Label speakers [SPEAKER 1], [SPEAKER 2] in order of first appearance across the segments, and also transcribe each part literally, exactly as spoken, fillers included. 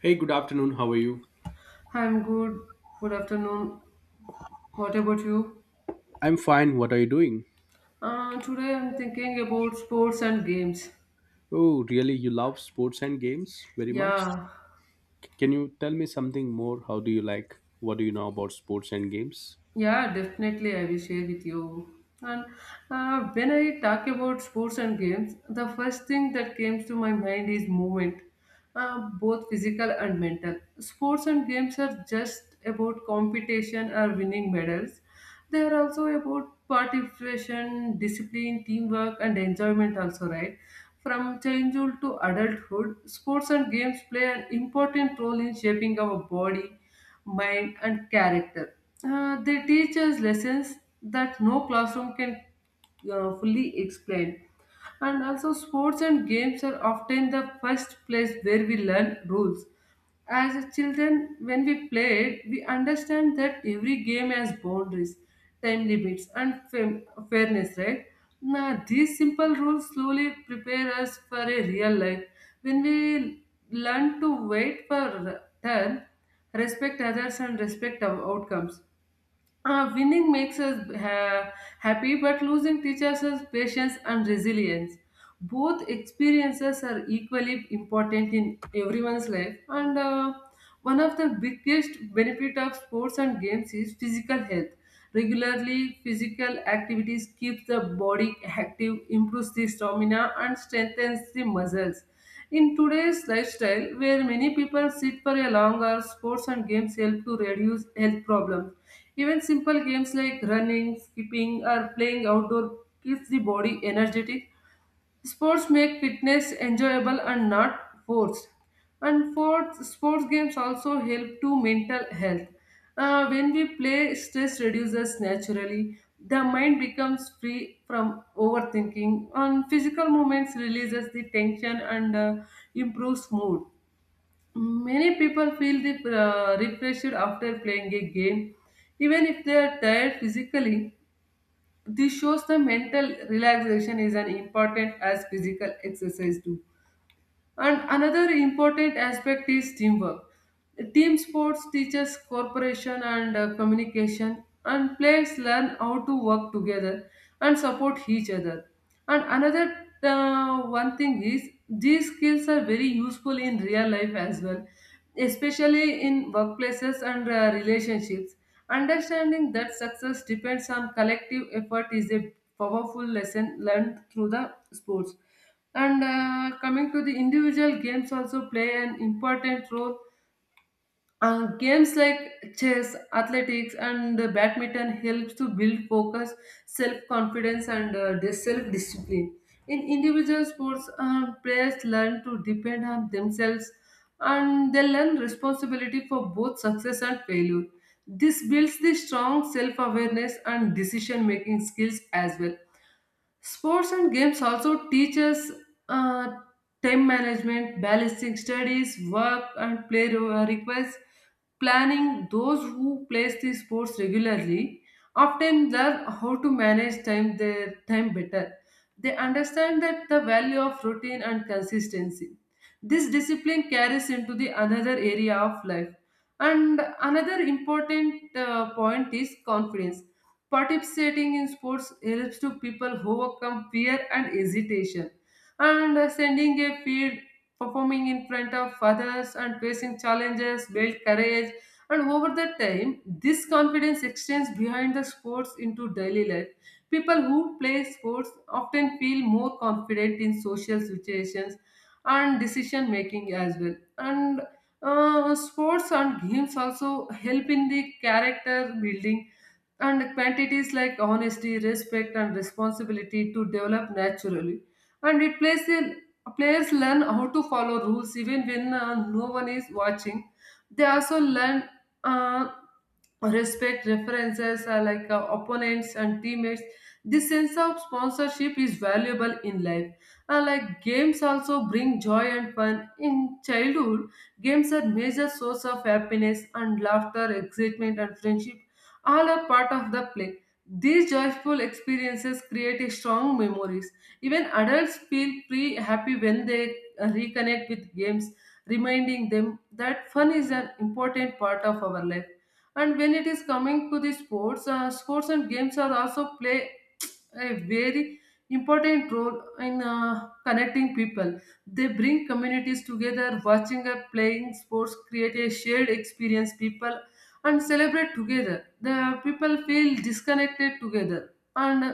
[SPEAKER 1] Hey, good afternoon. How are you?
[SPEAKER 2] I'm good. Good afternoon. What about you?
[SPEAKER 1] I'm fine. What are you doing?
[SPEAKER 2] Uh, today I'm thinking about sports and games.
[SPEAKER 1] Oh, really? You love sports and games very much?
[SPEAKER 2] Yeah,
[SPEAKER 1] C- Can you tell me something more? How do you like? What do you know about sports and games?
[SPEAKER 2] Yeah, definitely, I will share with you. And uh, when I talk about sports and games, the first thing that comes to my mind is movement, uh, both physical and mental. Sports and games are just about competition or winning medals. They are also about participation, discipline, teamwork, and enjoyment, also, right? From childhood to adulthood, sports and games play an important role in shaping our body mind, and character. Uh, they teach us lessons that no classroom can uh, fully explain. And also, sports and games are often the first place where we learn rules. As a children, when we played, we understand that every game has boundaries, time limits, and fam- fairness, right? Now, these simple rules slowly prepare us for a real life. When we learn to wait for turn, respect others, and respect our outcomes, uh, winning makes us uh, happy, but losing teaches us patience and resilience. Both experiences are equally important in everyone's life, and uh, one of the biggest benefit of sports and games is physical health. Regularly, physical activities keeps the body active, improves the stamina, and strengthens the muscles. In today's lifestyle, where many people sit for a long hour, sports and games help to reduce health problems. Even simple games like running, skipping, or playing outdoor keeps the body energetic. Sports make fitness enjoyable and not forced. And fourth, sports games also help to mental health. Uh, when we play, stress reduces naturally. The mind becomes free from overthinking. And physical movements releases the tension and uh, improves mood. Many people feel the, uh, refreshed after playing a game, even if they are tired physically. This shows the mental relaxation is as important as physical exercise. Do. And another important aspect is teamwork. Team sports teaches cooperation and uh, communication, and players learn how to work together and support each other. And another uh, one thing is these skills are very useful in real life as well, especially in workplaces and uh, relationships. Understanding that success depends on collective effort is a powerful lesson learned through the sports. And uh, coming to the individual games also play an important role. Uh, games like chess, athletics, and uh, badminton helps to build focus, self-confidence, and uh, dis- self-discipline. In individual sports, uh, players learn to depend on themselves, and they learn responsibility for both success and failure. This builds the strong self-awareness and decision-making skills as well. Sports and games also teach us uh, time management, balancing studies, work, and play re- requests. Planning those who plays the sports regularly often learn how to manage time their time better. They understand that the value of routine and consistency. This discipline carries into the another area of life. And another important uh, point is confidence. Participating in sports helps to people overcome fear and hesitation. And uh, sending a field, performing in front of others, and facing challenges build courage. And over the time, this confidence extends behind the sports into daily life. People who play sports often feel more confident in social situations and decision making as well. And uh, sports and games also help in the character building and quantities like honesty, respect, and responsibility to develop naturally. And it plays a players learn how to follow rules even when uh, no one is watching. They also learn uh, respect references uh, like uh, opponents and teammates. This sense of sponsorship is valuable in life. Uh, like games also bring joy and fun in childhood. Games are major source of happiness and laughter, excitement, and friendship. All are part of the play. These joyful experiences create a strong memories. Even adults feel free happy when they uh, reconnect with games, reminding them that fun is an important part of our life. And when it is coming to the sports, uh, sports and games are also play a very important role in uh, connecting people. They bring communities together. Watching or playing sports create a shared experience. People and celebrate together. The people feel disconnected together and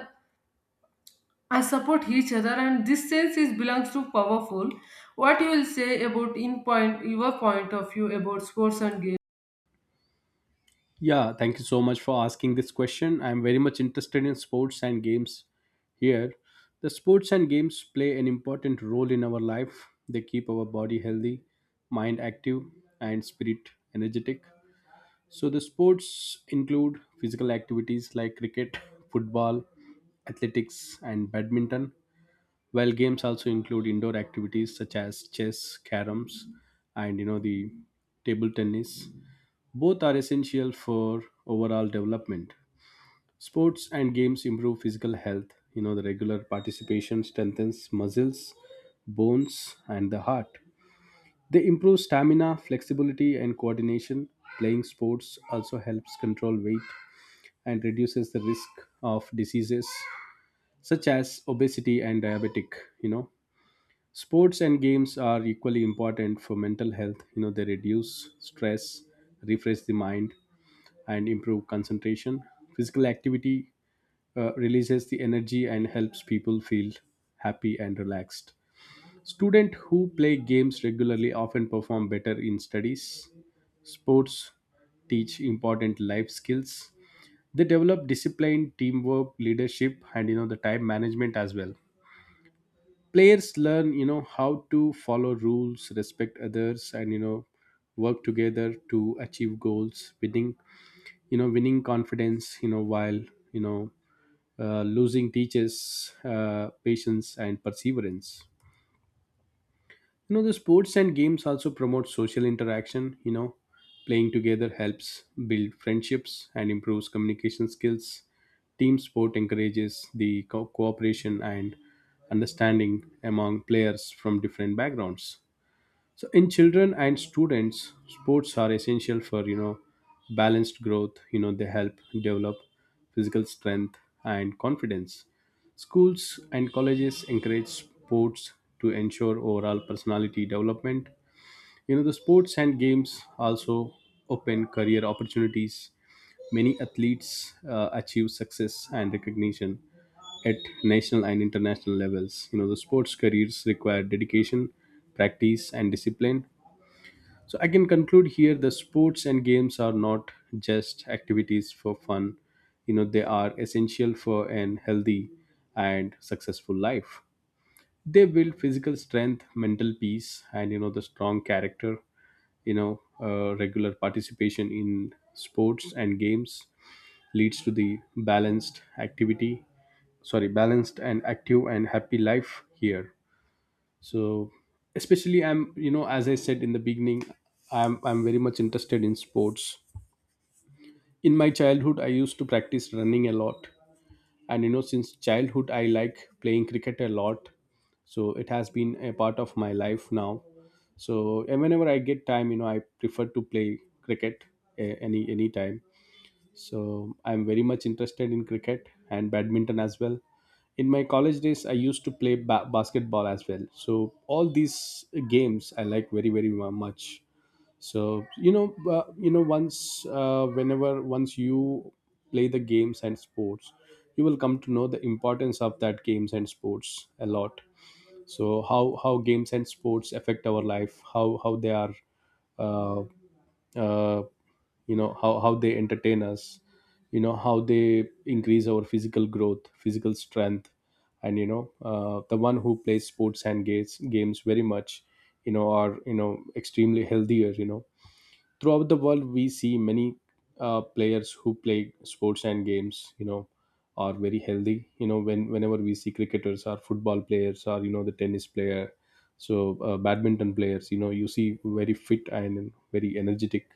[SPEAKER 2] I support each other. And this sense is belongs to powerful. What you will say about in point your point of view about sports and games?
[SPEAKER 1] Yeah, thank you so much for asking this question. I'm very much interested in sports and games here. The sports and games play an important role in our life. They keep our body healthy, mind active, and spirit energetic. So the sports include physical activities like cricket, football, athletics, and badminton, while games also include indoor activities such as chess, caroms, and you know the table tennis. Both are essential for overall development. Sports and games improve physical health. You know the regular participation strengthens muscles, bones, and the heart. They improve stamina, flexibility, and coordination. Playing sports also helps control weight and reduces the risk of diseases such as obesity and diabetic. You know, sports and games are equally important for mental health. You know, they reduce stress, refresh the mind, and improve concentration. Physical activity uh, releases the energy and helps people feel happy and relaxed. Students who play games regularly often perform better in studies. Sports teach important life skills. They develop discipline, teamwork, leadership, and you know the time management as well. Players learn, you know, how to follow rules, respect others, and you know, work together to achieve goals. Winning, you know, winning confidence, you know, while you know, uh, losing teaches uh, patience and perseverance. You know the sports and games also promote social interaction. You know, playing together helps build friendships and improves communication skills. Team sport encourages the co- cooperation and understanding among players from different backgrounds. So in children and students, sports are essential for you know balanced growth. You know, they help develop physical strength and confidence. Schools and colleges encourage sports to ensure overall personality development. You know the sports and games also open career opportunities. Many athletes uh, achieve success and recognition at national and international levels. You know, the sports careers require dedication, practice, and discipline. So I can conclude here the sports and games are not just activities for fun. You know, they are essential for an healthy and successful life. They build physical strength, mental peace, and you know, the strong character. You know, uh, regular participation in sports and games leads to the balanced activity, sorry, balanced and active and happy life here. So especially I'm, you know, as I said in the beginning, i'm i'm very much interested in sports. In my childhood I used to practice running a lot, and you know since childhood I like playing cricket a lot. So it has been a part of my life now. So and whenever I get time, you know, I prefer to play cricket eh, any any time. So I'm very much interested in cricket and badminton as well. In my college days, I used to play ba- basketball as well. So all these games I like very very mu- much. So you know, uh, you know, once uh, whenever once you play the games and sports, you will come to know the importance of that games and sports a lot. So how how games and sports affect our life, how how they are uh, uh, you know how, how they entertain us, you know how they increase our physical growth, physical strength. And you know uh, the one who plays sports and games games very much, you know, are you know extremely healthier. You know throughout the world we see many uh, players who play sports and games, you know, are very healthy. You know when whenever we see cricketers or football players or you know the tennis player, so uh, badminton players, you know, you see very fit and very energetic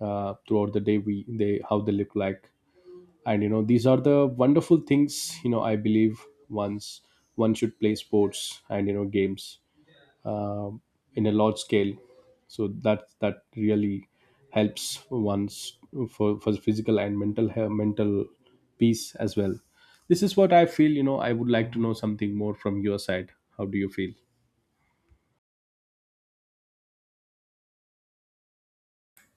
[SPEAKER 1] uh, throughout the day, we they how they look like. And you know these are the wonderful things. You know I believe once one should play sports and you know games um in a large scale, so that that really helps one's for, for physical and mental he- mental peace as well. This is what I feel. You know, I would like to know something more from your side. How do you feel?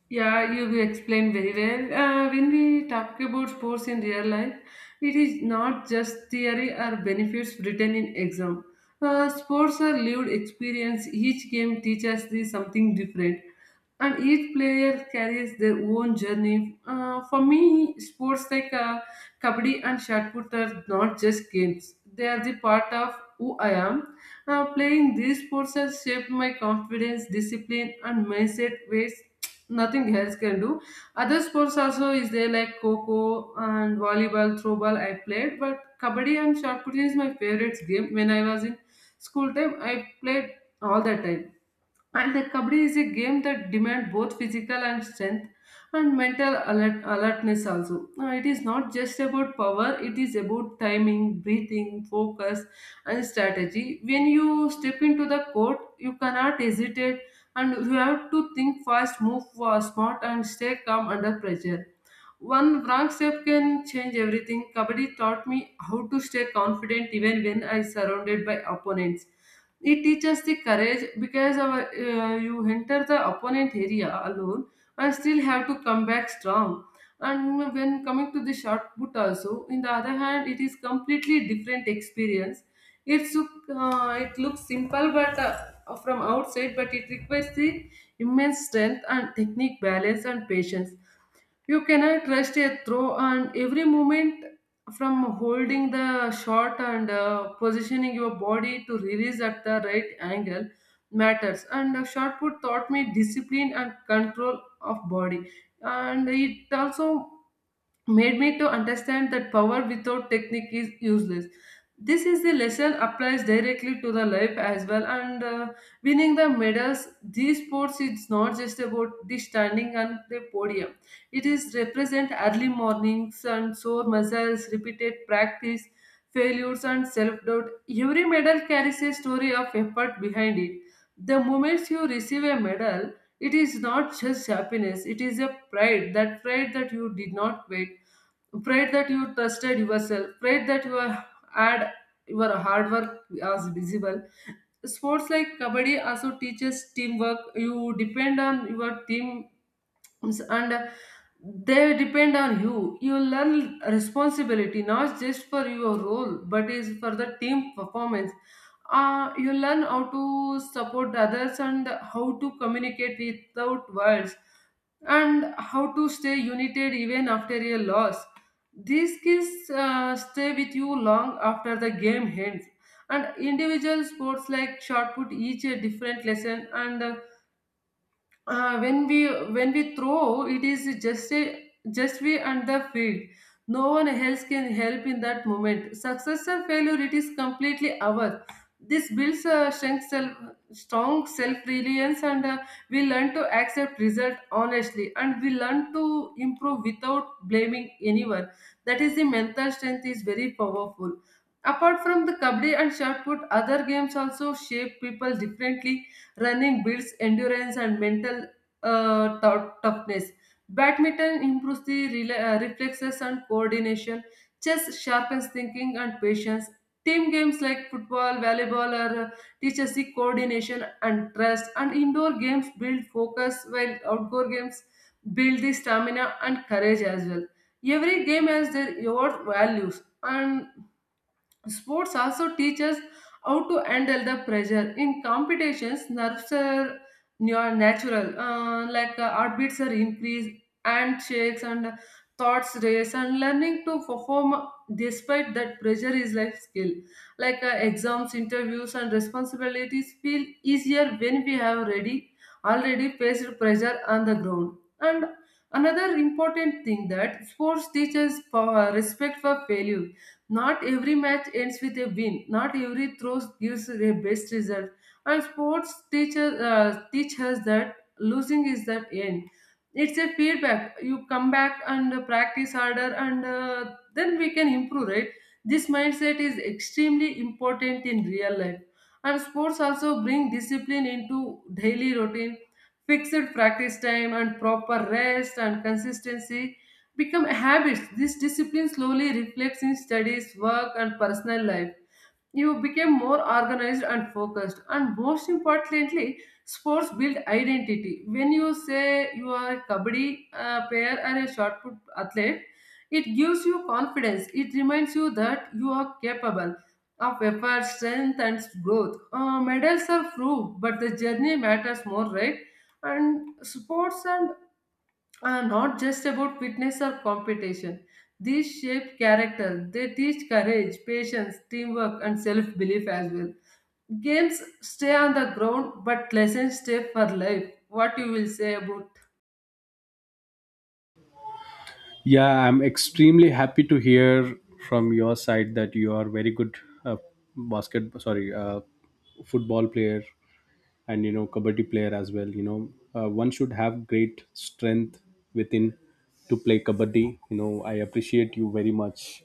[SPEAKER 2] Yeah, you explained very well. Uh, when we talk about sports in real life, it is not just theory or benefits written in exam. Uh, sports are lived experience. Each game teaches us the something different and each player carries their own journey. Uh, for me, sports like uh, kabaddi and shotput are not just games; they are the part of who I am. Uh, playing these sports has shaped my confidence, discipline, and mindset ways nothing else can do. Other sports also is there like coco and volleyball, throwball. I played, but kabaddi and shotput is my favorite game. When I was in school time, I played all the time and the kabaddi is a game that demands both physical and strength and mental alert, alertness also. Now, it is not just about power, it is about timing, breathing, focus, and strategy. When you step into the court, you cannot hesitate and you have to think fast, move fast, smart, and stay calm under pressure. One wrong step can change everything. Kabaddi taught me how to stay confident even when I surrounded by opponents. It teaches the courage because our, uh, you enter the opponent area alone and still have to come back strong. And when coming to the shot put also, in the other hand, it is completely different experience. It's uh, it looks simple, but uh, from outside, but it requires the immense strength and technique, balance and patience. You cannot rest a throw, and every moment from holding the shot and uh, positioning your body to release at the right angle matters. And uh, shot put taught me discipline and control of body, and it also made me to understand that power without technique is useless. This is the lesson applies directly to the life as well. And uh, winning the medals, these sports is not just about the standing on the podium. It is represent early mornings and sore muscles, repeated practice, failures and self doubt. Every medal carries a story of effort behind it. The moment you receive a medal, it is not just happiness. It is a pride. That pride that you did not wait prayed that you trusted yourself, prayed that you are- had your hard work as visible. Sports like kabaddi also teaches teamwork. You depend on your team. Yes, and uh, they depend on you. You learn responsibility not just for your role but is for the team performance. Uh, you learn how to support others and how to communicate without words and how to stay united even after a loss. These skills uh, stay with you long after the game ends. And individual sports like shot put each a different lesson and uh, uh, when we when we throw it is just a just we on the field. No one else can help in that moment. Success or failure, it is completely ours. This builds a strong self strong self reliance and uh, we learn to accept result honestly and we learn to improve without blaming anyone. That is the mental strength is very powerful. Apart from the kabaddi and shot put, other games also shape people differently. Running builds endurance and mental uh, tou- toughness. Badminton improves the rela- uh, reflexes and coordination. Chess sharpens thinking and patience. Team games like football, volleyball, or uh, teaches the coordination and trust. And indoor games build focus, while outdoor games build the stamina and courage as well. Every game has their own values, and sports also teach us how to handle the pressure. In competitions, nerves are near natural, uh, like uh, heartbeats are increased, handshakes and thoughts race, and learning to perform despite that pressure is life skill. Like uh, exams, interviews, and responsibilities feel easier when we have already already faced pressure on the ground. And another important thing that sports teaches power, respect for failure. Not every match ends with a win. Not every throw gives a best result. And sports teaches uh, teach us that losing is the end. It's a feedback. You come back and uh, practice harder, and uh, then we can improve. Right? This mindset is extremely important in real life. And sports also bring discipline into daily routine. Fixed practice time and proper rest and consistency become habits. This discipline slowly reflects in studies, work, and personal life. You become more organized and focused. And most importantly, sports build identity. When you say you are a kabaddi uh, player or a shot put athlete, it gives you confidence. It reminds you that you are capable of effort, strength, and growth. Uh, medals are proof, but the journey matters more, right? And sports and are not just about fitness or competition. These shape character. They teach courage, patience, teamwork, and self belief as well. Games stay on the ground, but lessons stay for life. What you will say about?
[SPEAKER 1] Yeah, I'm extremely happy to hear from your side that you are very good uh, basket sorry uh, football player and you know kabaddi player as well. You know uh, one should have great strength within to play kabaddi. You know I appreciate you very much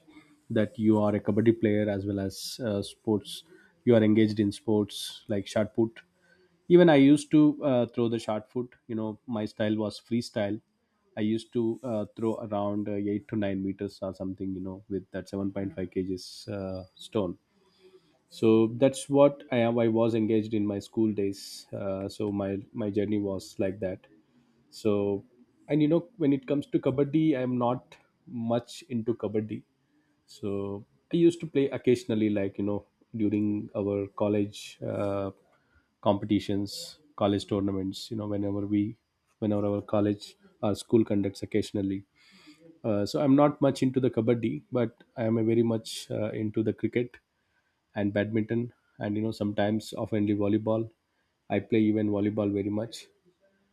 [SPEAKER 1] that you are a kabaddi player as well as uh, sports. You are engaged in sports like shot put. Even I used to uh, throw the shot put. You know my style was freestyle. I used to uh, throw around uh, eight to nine meters or something, you know, with that seven point five kgs uh, stone. So that's what i am I was engaged in my school days. uh, so my my journey was like that. So and you know when it comes to kabaddi I am not much into kabaddi. So I used to play occasionally, like you know, during our college uh, competitions, college tournaments, you know whenever we, whenever our college or school conducts occasionally. uh, so I'm not much into the kabaddi, but I am a very much uh, into the cricket and badminton. And you know sometimes oftenly volleyball I play, even volleyball very much.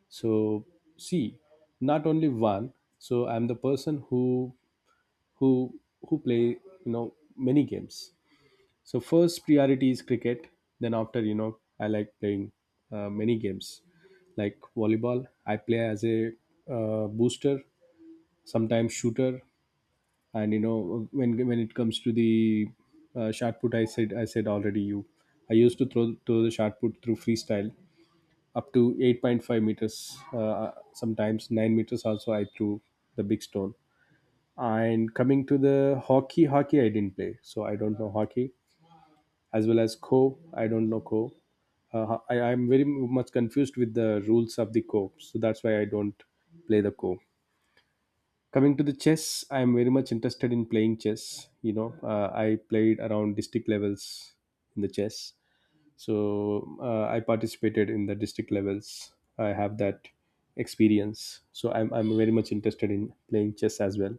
[SPEAKER 1] So see, not only one. So I'm the person who, who who play you know many games. So first priority is cricket. Then after, you know, I like playing uh, many games. Like volleyball I play as a uh, booster, sometimes shooter. And you know when when it comes to the uh, shot put, i said i said already you, I used to throw throw the shot put through freestyle up to eight point five meters, uh, sometimes nine meters also I threw the big stone. And coming to the hockey hockey I didn't play. So I don't know hockey as well as co. I don't know co. uh, I, i'm very much confused with the rules of the co, so that's why I don't play the co. Coming to the chess, I am very much interested in playing chess. You know uh, I played around district levels in the chess. So uh, I participated in the district levels. I have that experience. So I'm, I'm very much interested in playing chess as well.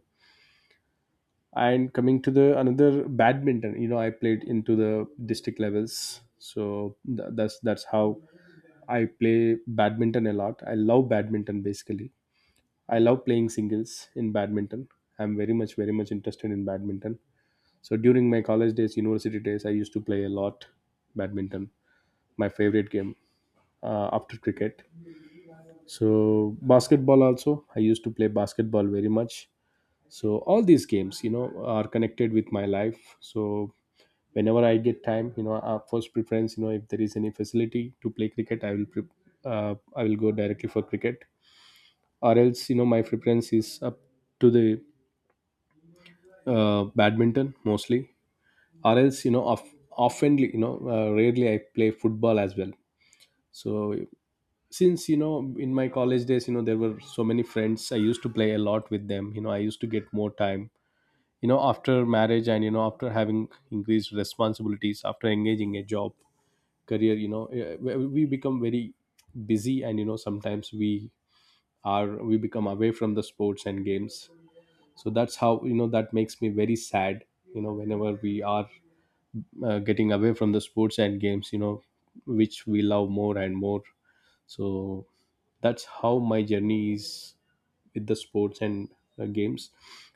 [SPEAKER 1] And coming to the another badminton, you know, I played into the district levels. So th- that's that's how I play badminton a lot. I love badminton basically. I love playing singles in badminton. I'm very much, very much interested in badminton. So during my college days, university days, I used to play a lot badminton, my favorite game uh, after cricket. So basketball also, I used to play basketball very much. So all these games, you know, are connected with my life. So whenever I get time, you know, our first preference, you know, if there is any facility to play cricket, I will, pre- uh, I will go directly for cricket, or else you know my preference is up to the uh, badminton mostly. Or else, you know, of, often you know uh, rarely I play football as well. So since, you know, in my college days, you know, there were so many friends, I used to play a lot with them. You know I used to get more time. You know after marriage and you know after having increased responsibilities, after engaging a job career, you know, eh, we we become very busy. And you know sometimes we are we become away from the sports and games. So that's how, you know, that makes me very sad, you know, whenever we are uh, getting away from the sports and games, you know, which we love more and more. So that's how my journey is with the sports and uh, games.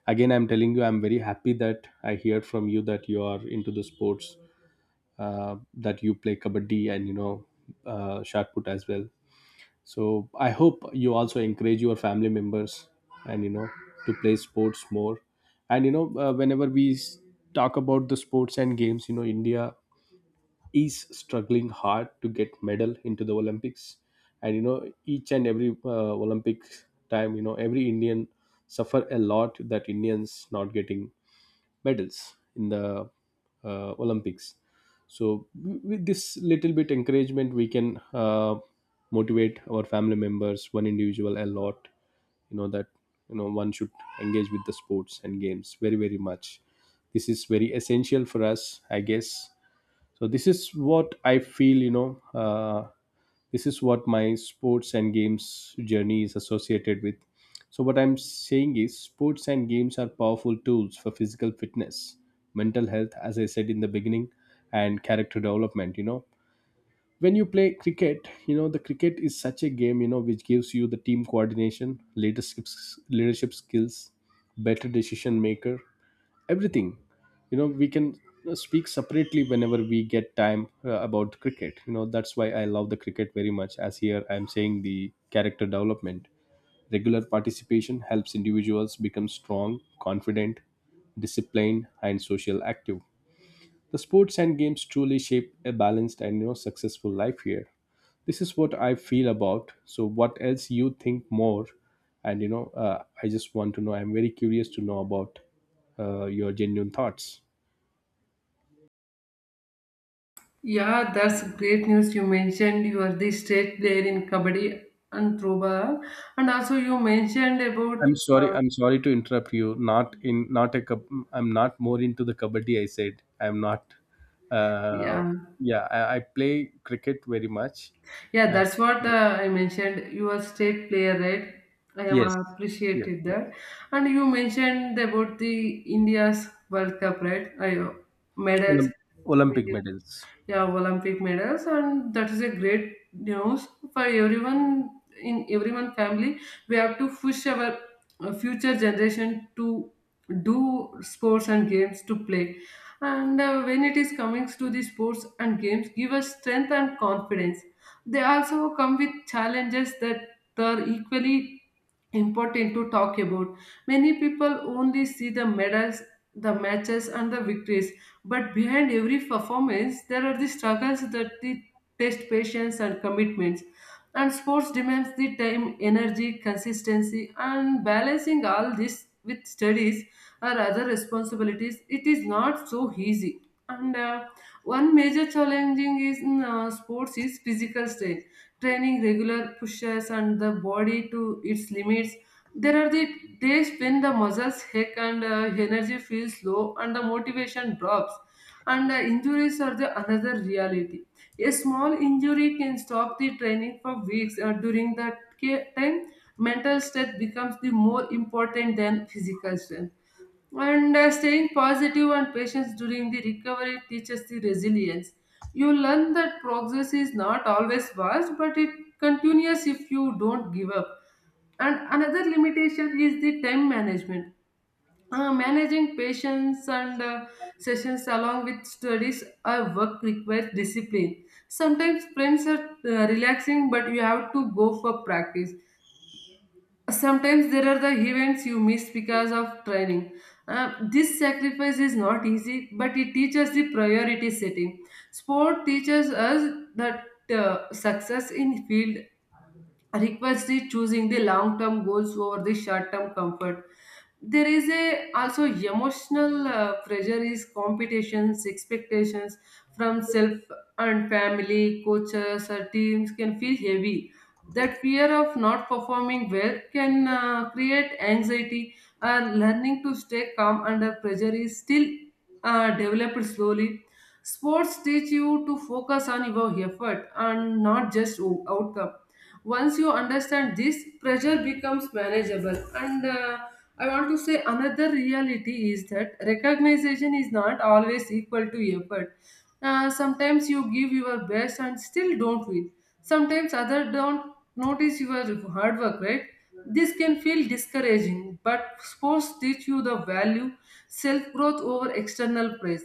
[SPEAKER 1] Again I'm telling you, I'm very happy that I hear from you that you are into the sports, uh, that you play kabaddi and you know uh, shot put as well. So I hope you also encourage your family members and you know to play sports more. And you know uh, whenever we s- talk about the sports and games, you know, India is struggling hard to get medal into the Olympics. And you know each and every uh, Olympic time, you know, every Indian suffer a lot that Indians not getting medals in the uh, Olympics. So w- with this little bit encouragement we can uh, motivate our family members, one individual, a lot. You know that, you know, one should engage with the sports and games very very much. This is very essential for us, I guess. So this is what I feel. You know, uh, this is what my sports and games journey is associated with. So what I'm saying is sports and games are powerful tools for physical fitness, mental health, as I said in the beginning, and character development. You know. When you play cricket, you know, the cricket is such a game you know, which gives you the team coordination, leadership, leadership skills, better decision maker, everything. You know we can uh, speak separately whenever we get time uh, about cricket. You know that's why I love the cricket very much. As here I'm saying the character development, regular participation helps individuals become strong, confident, disciplined, and social active. The sports and games truly shape a balanced and you know, successful life here. This is what I feel about. So, what else you think more? And you know, uh, I just want to know. I'm very curious to know about uh, your genuine thoughts.
[SPEAKER 2] Yeah, that's great news. You mentioned you are the state player in kabaddi and throwball, and also you mentioned about
[SPEAKER 1] I'm sorry.
[SPEAKER 2] uh,
[SPEAKER 1] I'm sorry to interrupt you. Not in, not a cup. I'm not more into the kabaddi. I said I'm not. Uh,
[SPEAKER 2] yeah
[SPEAKER 1] yeah, I, I play cricket very much,
[SPEAKER 2] Yeah,
[SPEAKER 1] and
[SPEAKER 2] that's what uh, I mentioned. You are state player, right? I am
[SPEAKER 1] yes,
[SPEAKER 2] uh,
[SPEAKER 1] yes,
[SPEAKER 2] appreciated
[SPEAKER 1] yes.
[SPEAKER 2] that. And you mentioned about the India's World Cup, right? I, uh, medals,
[SPEAKER 1] Olymp- Olympic medals.
[SPEAKER 2] yeah, Olympic medals. And that is a great news for everyone, in everyone family. We have to push our uh, future generation to do sports and games to play, and uh, when it is coming to the sports and games give us strength and confidence, they also come with challenges that are equally important to talk about. Many people only see the medals, the matches, and the victories, but behind every performance, there are the struggles that the test patience and commitments. And sports demands the time, energy, consistency, and balancing all this with studies or other responsibilities. It is not so easy. And uh, One major challenging is in uh, sports is physical strain. Training regular pushes and the body to its limits. There are the days when the muscles ache and uh, energy feels low and the motivation drops. And uh, injuries are the another reality. A small injury can stop the training for weeks. Uh, during that ca- time, mental strength becomes the more important than physical strength. And uh, staying positive and patience during the recovery teaches the resilience. You learn that progress is not always fast, but it continues if you don't give up. And another limitation is the time management. Uh, managing patients and uh, sessions along with studies or work requires discipline. Sometimes friends are uh, relaxing, but you have to go for practice. Sometimes there are the events you miss because of training. Uh, this sacrifice is not easy, but it teaches the priority setting. Sport teaches us that uh, success in field requires the choosing the long term goals over the short term comfort. There is a also emotional uh, pressure is competitions expectations from self and family coaches or teams can feel heavy. That fear of not performing well can uh, create anxiety. And learning to stay calm under pressure is still uh, developed slowly. Sports teach you to focus on your effort and not just o- outcome. Once you understand this pressure becomes manageable, and uh, I want to say another reality is that recognition is not always equal to effort. Uh, sometimes you give your best and still don't win. Sometimes others don't notice your hard work, right? This can feel discouraging, but sports teach you the value self growth over external praise.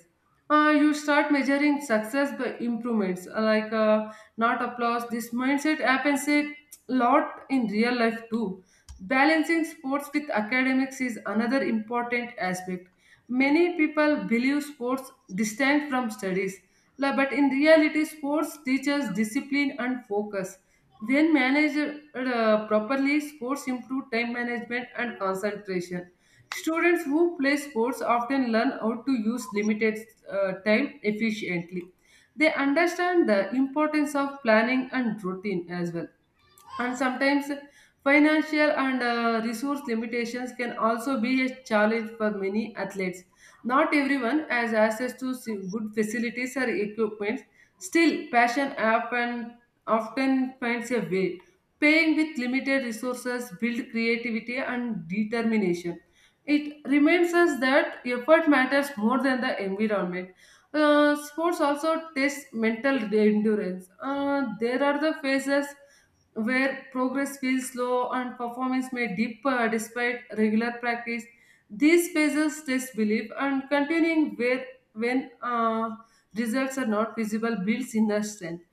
[SPEAKER 2] Uh, you start measuring success by improvements, uh, like uh, not applause. This mindset happens a lot in real life too. Balancing sports with academics is another important aspect. Many people believe sports distant from studies, la- but in reality, sports teaches discipline and focus. When managed uh, properly, sports improve time management and concentration. Students who play sports often learn how to use limited uh, time efficiently. They understand the importance of planning and routine as well. And sometimes financial and uh, resource limitations can also be a challenge for many athletes. Not everyone has access to s- good facilities or equipment. Still passion often often finds a way. Paying with limited resources build creativity and determination. It reminds us that effort matters more than the environment. Uh, sports also test mental endurance. Uh, there are the phases where progress feels slow and performance may dip uh, despite regular practice. These phases test belief and continuing where when uh, results are not visible builds inner strength.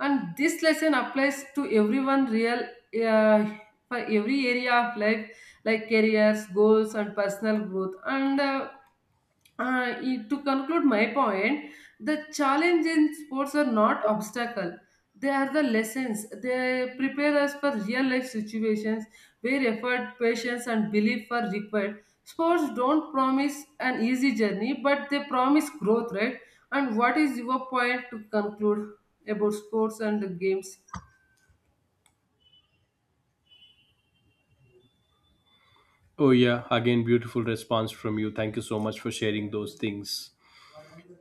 [SPEAKER 2] And this lesson applies to everyone real uh, for every area of life like careers, goals, and personal growth. And uh, uh, i- to conclude my point, the challenge in sports are not obstacle. They are the lessons. They prepare us for real life situations where effort, patience, and belief are required. Sports don't promise an easy journey, but they promise growth, right? And what is your point to conclude about sports and the games?
[SPEAKER 1] Oh, yeah. Again, beautiful response from you. Thank you so much for sharing those things.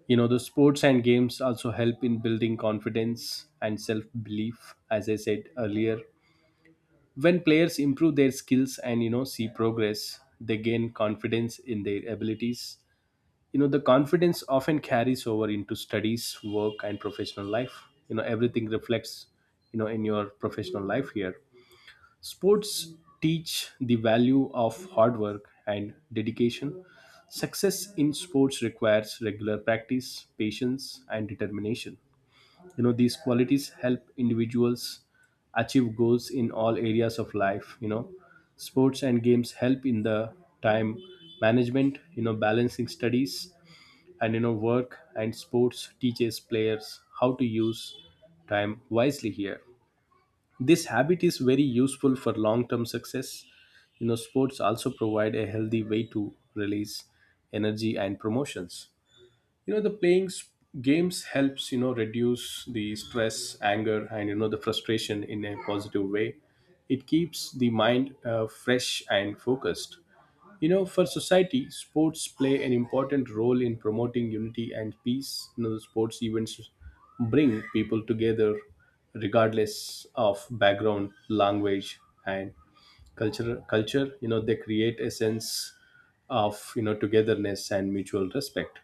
[SPEAKER 1] You know, the sports and games also help in building confidence and self belief, as I said earlier. When players improve their skills and you know, see progress, they gain confidence in their abilities. You know, the confidence often carries over into studies, work, and professional life. You know, everything reflects you know, in your professional life here. Sports teach the value of hard work and dedication. Success in sports requires regular practice, patience, and determination. You know, these qualities help individuals achieve goals in all areas of life. You know, sports and games help in the time management, you know, balancing studies and you know, work, and sports teaches players how to use time wisely here. This habit is very useful for long term success. You know sports also provide a healthy way to release energy and promotions. You know the playing s- games helps you know reduce the stress, anger, and you know the frustration in a positive way. It keeps the mind uh, fresh and focused. You know, for society, sports play an important role in promoting unity and peace. You know, the sports events bring people together regardless of background, language, and culture. Culture, you know, they create a sense of you know togetherness and mutual respect.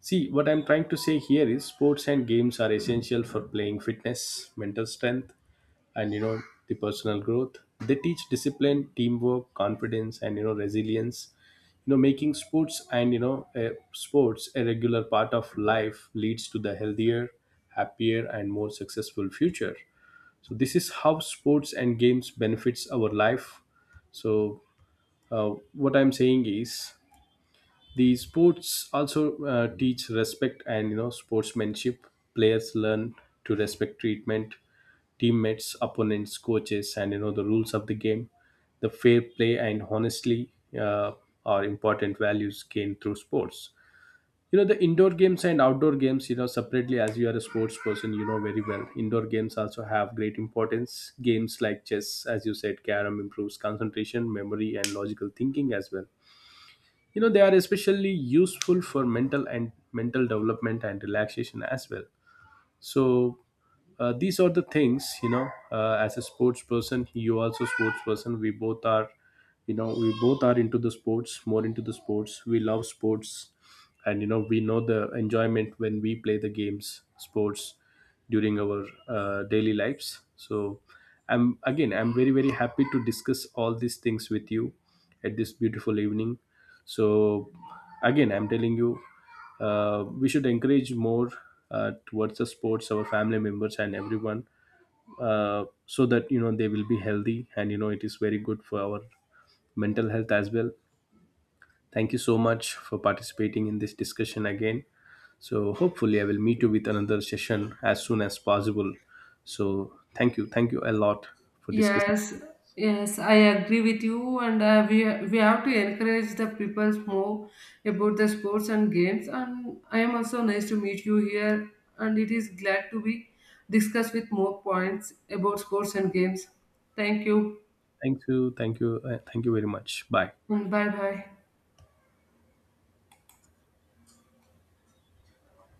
[SPEAKER 1] See, what I'm trying to say here is sports and games are essential for playing fitness, mental strength, and you know, the personal growth. They teach discipline, teamwork, confidence, and you know, resilience. You know, making sports and you know, uh, sports a regular part of life leads to the healthier, happier, and more successful future. So this is how sports and games benefits our life. So uh, what I'm saying is the sports also uh, teach respect and you know sportsmanship. Players learn to respect treatment, teammates, opponents, coaches, and you know the rules of the game. The fair play and honestly uh, are important values gained through sports. You know the indoor games and outdoor games, you know separately, as you are a sports person, you know very well indoor games also have great importance. Games like chess, as you said, carom, improves concentration, memory, and logical thinking as well. You know they are especially useful for mental and mental development and relaxation as well. So uh, these are the things. You know uh, as a sports person, you also sports person, we both are. You know we both are into the sports, more into the sports. We love sports, and you know we know the enjoyment when we play the games, sports, during our uh, daily lives. So i'm again i'm very very happy to discuss all these things with you at this beautiful evening. So again I'm telling you, uh, we should encourage more uh, towards the sports, our family members and everyone, uh, so that you know they will be healthy, and you know it is very good for our mental health as well. Thank you so much for participating in this discussion again. So hopefully I will meet you with another session as soon as possible. So thank you, thank you a lot for discussing.
[SPEAKER 2] Yes, yes, I agree with you, and uh, we we have to encourage the people more about the sports and games. And I am also nice to meet you here, and it is glad to be discussed with more points about sports and games. Thank you,
[SPEAKER 1] Thank you, thank you, uh, thank you very much. Bye.
[SPEAKER 2] and bye bye.